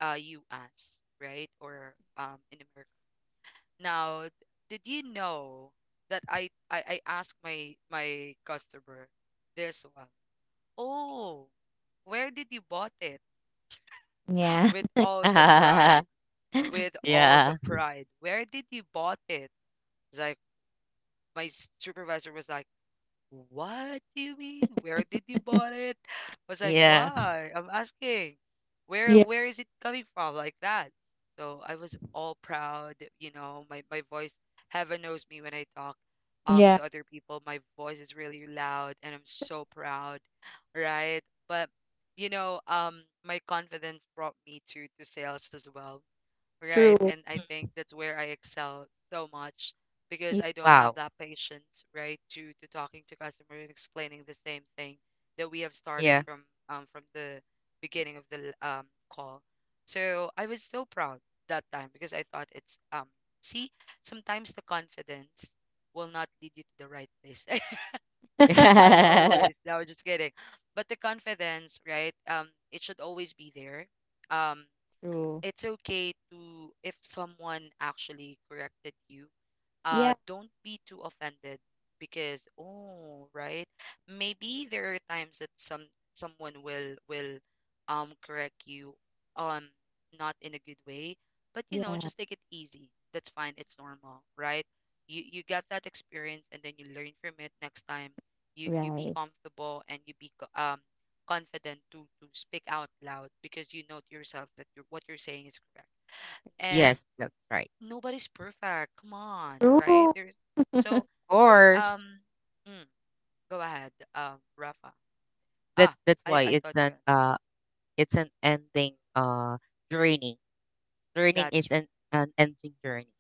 A: US, right? Or in America. Now, did you know that I asked my customer this one? Oh, where did you bought it?
B: Yeah.
A: With all the pride, with all the
C: yeah.
A: pride. Where did you bought it? It's like my supervisor was like, what do you mean? Where did you bought it? I was like,
C: Yeah.
A: why? I'm asking.
B: Yeah.
A: Where is it coming from? Like that. So I was all proud, you know, my voice, heaven knows me when I talk
B: Yeah.
A: to other people. My voice is really loud and I'm so proud, right? But my confidence brought me to sales as well, right?
B: True.
A: And
C: Mm.
A: I think that's where I excel so much because
B: Yeah.
A: I don't have
C: Wow.
A: that patience, right, to talking to customer and explaining the same thing that we have started
C: Yeah.
A: from the beginning of the call. So I was so proud that time because I thought it's see, sometimes the confidence will not lead you to the right place as always, no, just kidding, but the confidence, right, it should always be there. um
B: True.
A: it's okay to if someone actually corrected you,
B: Yeah.
A: don't be too offended because, oh right, maybe there are times that someone will correct you, um not in a good way, but you know,
B: Yeah.
A: just take it easy, that's fine, it's normal, right? You got that experience and then you learn from it next time. You be
B: Right.
A: comfortable and you be confident to speak out loud because you know to yourself that what you're saying is correct.
C: yes, that's right.
A: Nobody's perfect. Come on, right?
B: True.
A: There's so
C: Of course.
A: um mm, go ahead, Rafa.
C: That's
A: Ah,
C: that's why
A: I thought you —
C: it's an ending journey. Learning
A: that's
C: is an ending journey,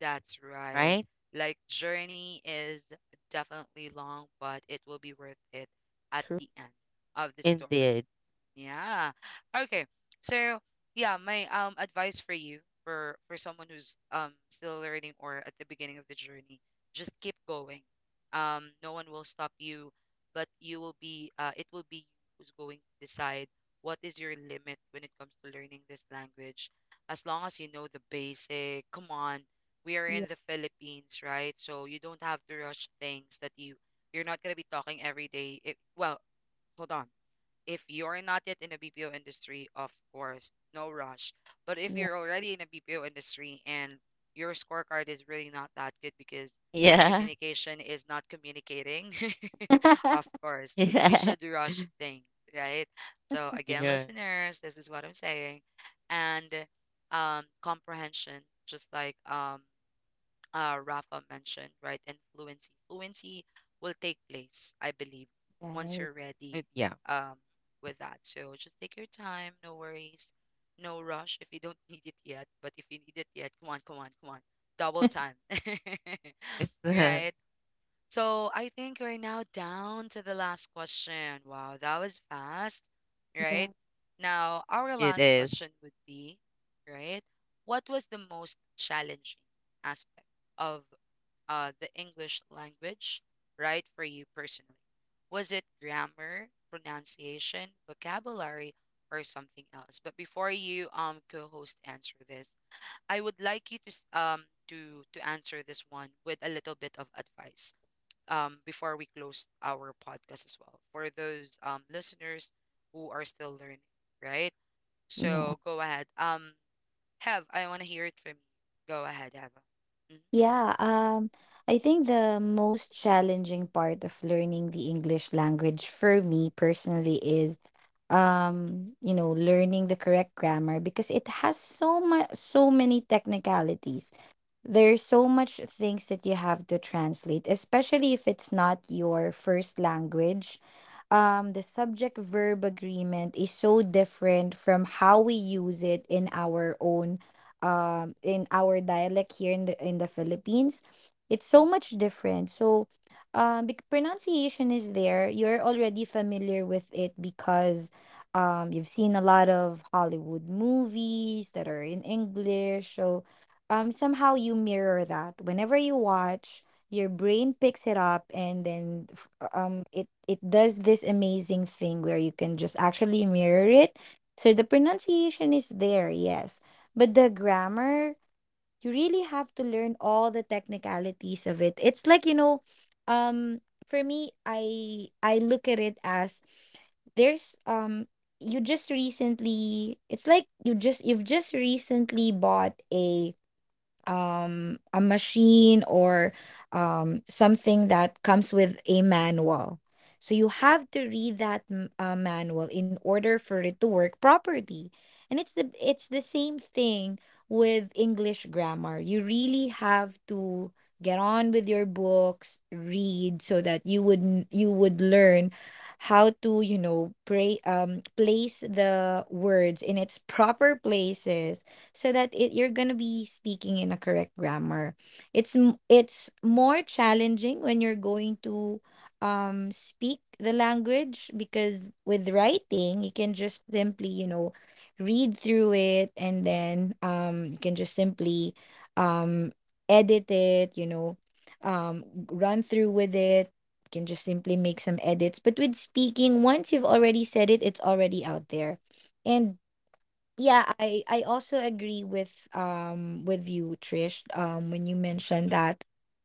A: that's right.
C: right?
A: Like, journey is definitely long, but it will be worth it at
B: True.
A: the end of the story.
C: Indeed.
A: Yeah. Okay. So yeah, my advice for you, for someone who's still learning or at the beginning of the journey, just keep going. No one will stop you, but you will be it will be you who's going to decide what is your limit when it comes to learning this language. As long as you know the basic, come on, we are
B: Yeah.
A: in the Philippines, right? So you don't have to rush things that you you're not gonna be talking every day. It, well, hold on, if you're not yet in a BPO industry, of course, no rush. But if
B: Yeah.
A: you're already in a BPO industry and your scorecard is really not that good because the
C: Yeah.
A: communication is not communicating, of course, you
C: Yeah.
A: should rush things, right? So again,
C: Yeah.
A: listeners, this is what I'm saying. And comprehension, just like Rafa mentioned, right? And fluency. Fluency will take place, I believe, once
B: Right.
A: you're
C: It,
A: ready,
C: yeah.
A: um, with that. So just take your time, no worries, no rush if you don't need it yet. But if you need it yet, come on, come on, come on. Double time.
C: It's
A: Right? So I think we're now down to the last question. Wow, that was fast,
B: Yeah.
A: right? Now, our
C: it
A: last
C: is,
A: question would be, right? What was the most challenging aspect of the English language, right, for you personally? Was it grammar, pronunciation, vocabulary, or something else? But before you co-host answer this, I would like you to to answer this one with a little bit of advice before we close our podcast as well for those listeners who are still learning, right?
B: Yeah.
A: So go ahead. Have, I want to hear it from you. Go ahead, Eva. Mm-hmm.
B: Yeah. I think the most challenging part of learning the English language for me personally is, you know, learning the correct grammar, because it has so much, so many technicalities. There's so much things that you have to translate, especially if it's not your first language. The subject verb agreement is so different from how we use it in our own, in our dialect here in the Philippines. It's so
A: Mm-hmm.
B: much different. So pronunciation is there. You're already familiar with it, because you've seen a lot of Hollywood movies that are in English. So somehow you mirror that whenever you watch, your brain picks it up, and then it it does this amazing thing where you can just actually mirror it. So the pronunciation is there, yes, but the grammar, you really have to learn all the technicalities of it. It's like, you know, um for me, I look at it as, there's you just recently, it's like you've just recently bought a machine, or something that comes with a manual. So you have to read that manual in order for it to work properly. And it's the same thing with English grammar. You really have to get on with your books, read, so that you would you would learn how to, you know, pray place the words in its proper places, so that it, you're going to be speaking in a correct grammar. It's it's more challenging when you're going to speak the language, because with writing, you can just simply, you know, read through it, and then you can just simply um edit it, you know, um run through with it, can just simply make some edits. But with speaking, once you've already said it, it's already out there. And yeah, I also agree with you, Trish, when you mentioned
A: Mm-hmm.
B: that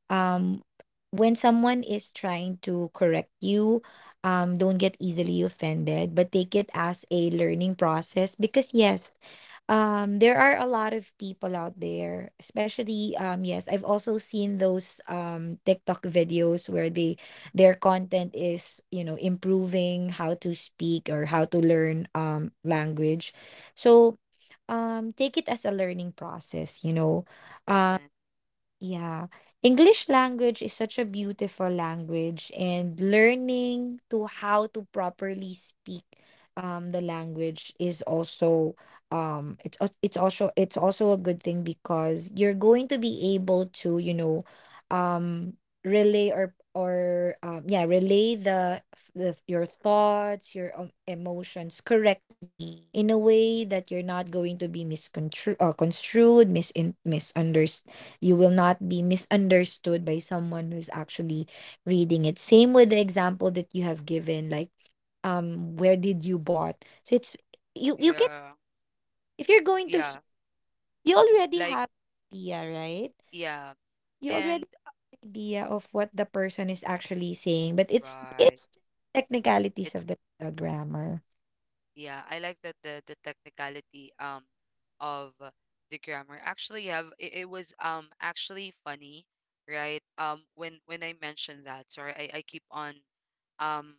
B: um when someone is trying to correct you, don't get easily offended, but take it as a learning process. Because yes, there are a lot of people out there, especially, yes, I've also seen those TikTok videos where they, their content is, you know, improving how to speak or how to learn language. So take it as a learning process, you know. Um,
A: Definitely.
B: yeah. English language is such a beautiful language, and learning to how to properly speak the language is also it's also, it's also a good thing, because you're going to be able to, you know, um relay, or relay the your thoughts, your emotions correctly, in a way that you're not going to be misconstrued, construed, misin misunderstood. You will not be misunderstood by someone who's actually reading it. Same with the example that you have given, like where did you bought? So it's, you can,
A: Yeah.
B: if you're going to
A: Yeah.
B: you already
A: Like,
B: have idea, right?
A: yeah.
B: You already
A: And
B: have idea of what the person is actually saying, but it's
A: right.
B: it's just
A: It's
B: technicalities of the grammar.
A: yeah, I like that the technicality of the grammar. Actually have it, it was actually funny, right? When I mentioned that, sorry, I keep on um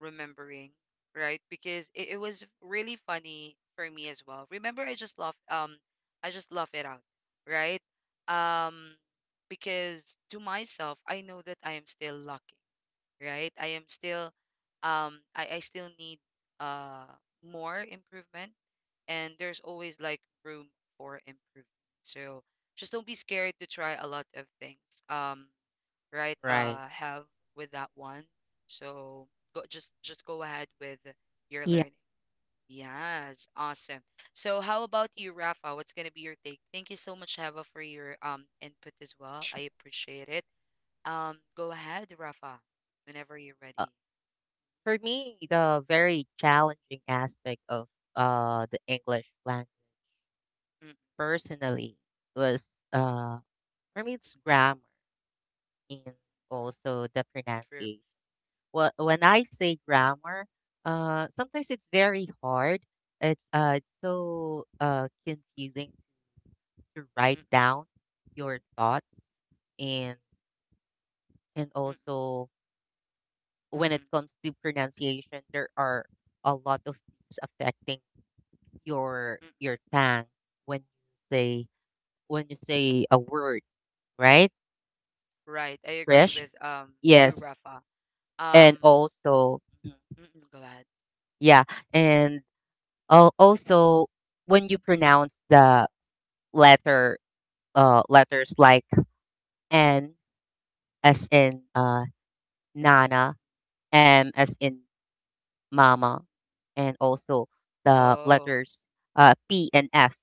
A: remembering, right? Because it was really funny for me as well. Remember I just laugh it out, right? Um because to myself I know that I am still lucky, right? I am still I still need uh more improvement, and there's always like room for improvement. So just don't be scared to try a lot of things. Um right
C: right.
A: have with that one. So go, just go ahead with your
B: Yeah.
A: learning. Yes, awesome. So how about you, Rafa? What's gonna be your take? Thank you so much, Heva, for your input as well. I appreciate it. Go ahead, Rafa, whenever you're
C: Uh,
A: ready.
C: for me, the very challenging aspect of the English language
A: Mm,
C: personally was uh for me it's grammar and also the
A: true.
C: pronunciation. Well, when I say grammar, sometimes it's very hard. It's so confusing to write
A: Mm,
C: down your thoughts. and and
A: mm,
C: also,
A: mm,
C: when it
A: mm,
C: comes to pronunciation, there are a lot of things affecting
A: mm.
C: your tongue when you say a word, right?
A: Right. I agree
C: Fresh,
A: with you,
C: yes,
A: Rafa.
C: and
A: Um,
C: also Mhm.
A: mm-mm, go ahead.
C: yeah, and Oh,
A: Mm.
C: also when you pronounce the letter, letters like N as in Nana, M as in Mama, and also the
A: Oh,
C: letters P and F.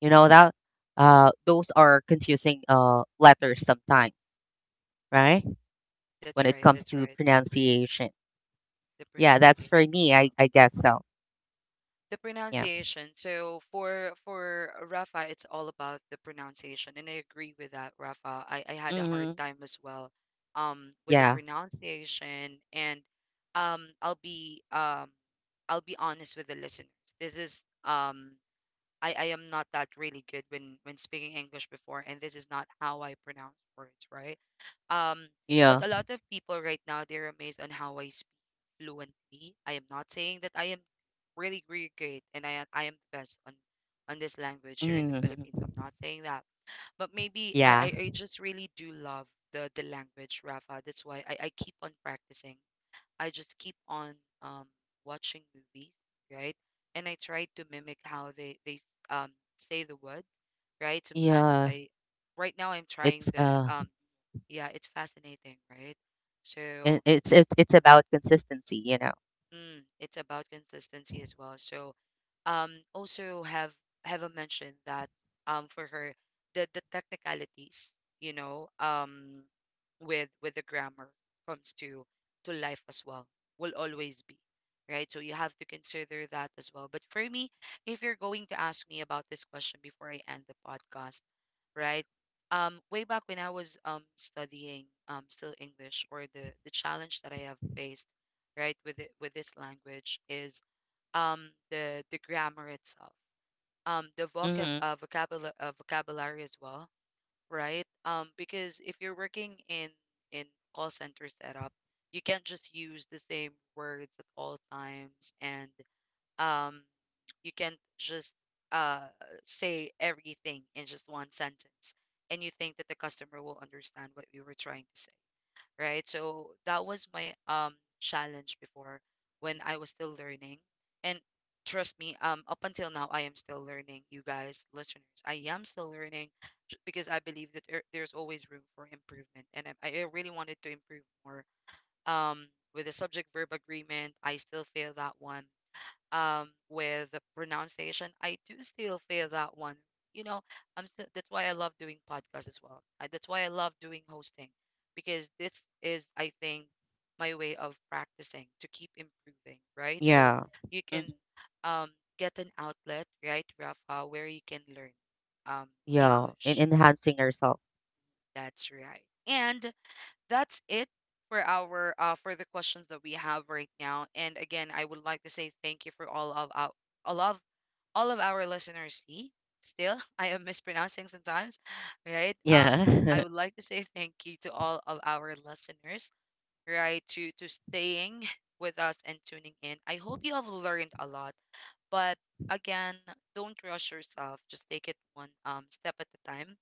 C: You know that those are confusing letters sometimes,
A: mm,
C: right?
A: that's
C: When it
A: right.
C: comes
A: That's
C: to
A: right.
C: pronunciation.
A: The
C: Yeah, that's
A: pronunciation.
C: for me.
A: Oh,
C: I guess so.
A: the
C: Yeah.
A: pronunciation. So for Rafa, it's all about the pronunciation, and I agree with that, Rafa. I had a hard
C: Hmm.
A: time as well, with the
C: Yeah.
A: pronunciation, and um, I'll be um, I'll be honest with the listeners. This is. I am not that really good when speaking English before, and this is not how I pronounce words, right? Um,
C: Yeah.
A: but a lot of people right now they're amazed on how I speak fluently. I am not saying that I am really really great and I am the best on this language here in the
C: Hmm.
A: Philippines. I'm not saying that, but maybe I
C: Yeah.
A: I, I just really do love the language, Rafa. That's why I keep on practicing. I just keep on um, watching movies, right? And I try to mimic how they say the word, right? Sometimes
C: Yeah.
A: I, right now I'm
C: It's
A: trying the yeah, it's fascinating, right?
C: And
A: So,
C: it's it's about consistency, you know.
A: mm, it's about consistency as well. So also have a mention that for her the technicalities, you know, with the grammar comes to life as well, will always be right, so you have to consider that as well. But for me, if you're going to ask me about this question before I end the podcast, right, way back when I was studying still English, or the challenge that I have faced, right, with it, with this language is the grammar itself, the
C: Mm-hmm.
A: vocabulary as well, right? Because if you're working in call center setup, you can't just use the same words at all times, and um you can't just uh say everything in just one sentence and you think that the customer will understand what we were trying to say, right? So that was my challenge before, when I was still learning. And trust me, up until now I am still learning, you guys, listeners. I am still learning because I believe that there, there's always room for improvement, and I really wanted to improve more. Um with the subject verb agreement, I still fail that one. With the pronunciation, I do still feel that one, you know, I'm still, that's why I love doing podcasts as well. I, that's why I love doing hosting, because this is I think my way of practicing to keep improving, right? So
C: Yeah.
A: you can
C: Hmm.
A: um get an outlet, right, Rafa, where you can learn um
C: Yeah. And
A: English
C: enhancing
A: more.
C: yourself.
A: That's right. And that's it for our for the questions that we have right now. And again, I would like to say thank you for all of our all of all of our listeners. See, still I am mispronouncing sometimes, right? I
C: Yeah.
A: would like to say thank you to all of our listeners, right? To staying with us and tuning in. I hope you have learned a lot, but again, don't rush yourself. Just take it one step at a time,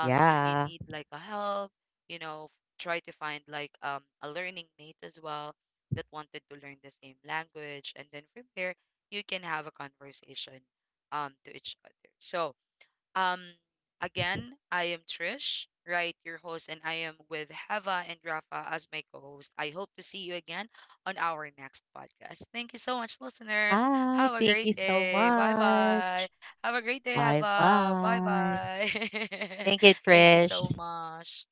A: if you
C: yeah.
A: need like a help, you know, try to find like a learning mate as well, that wanted to learn the same language, and then from there you can have a conversation to each other. So, um, again, I am Trish, right? Your host, and I am with Heva and Rafa as my co host. I hope to see you again on our next podcast. Thank you so much, listeners.
C: Hi.
A: Have a
C: Thank
A: great
C: you so
A: day. Bye
C: much.
A: bye. Have a great day,
C: Bye
A: Heva. Bye
C: bye.
A: bye.
C: Thank you,
A: Thank you
C: Trish.
A: so much.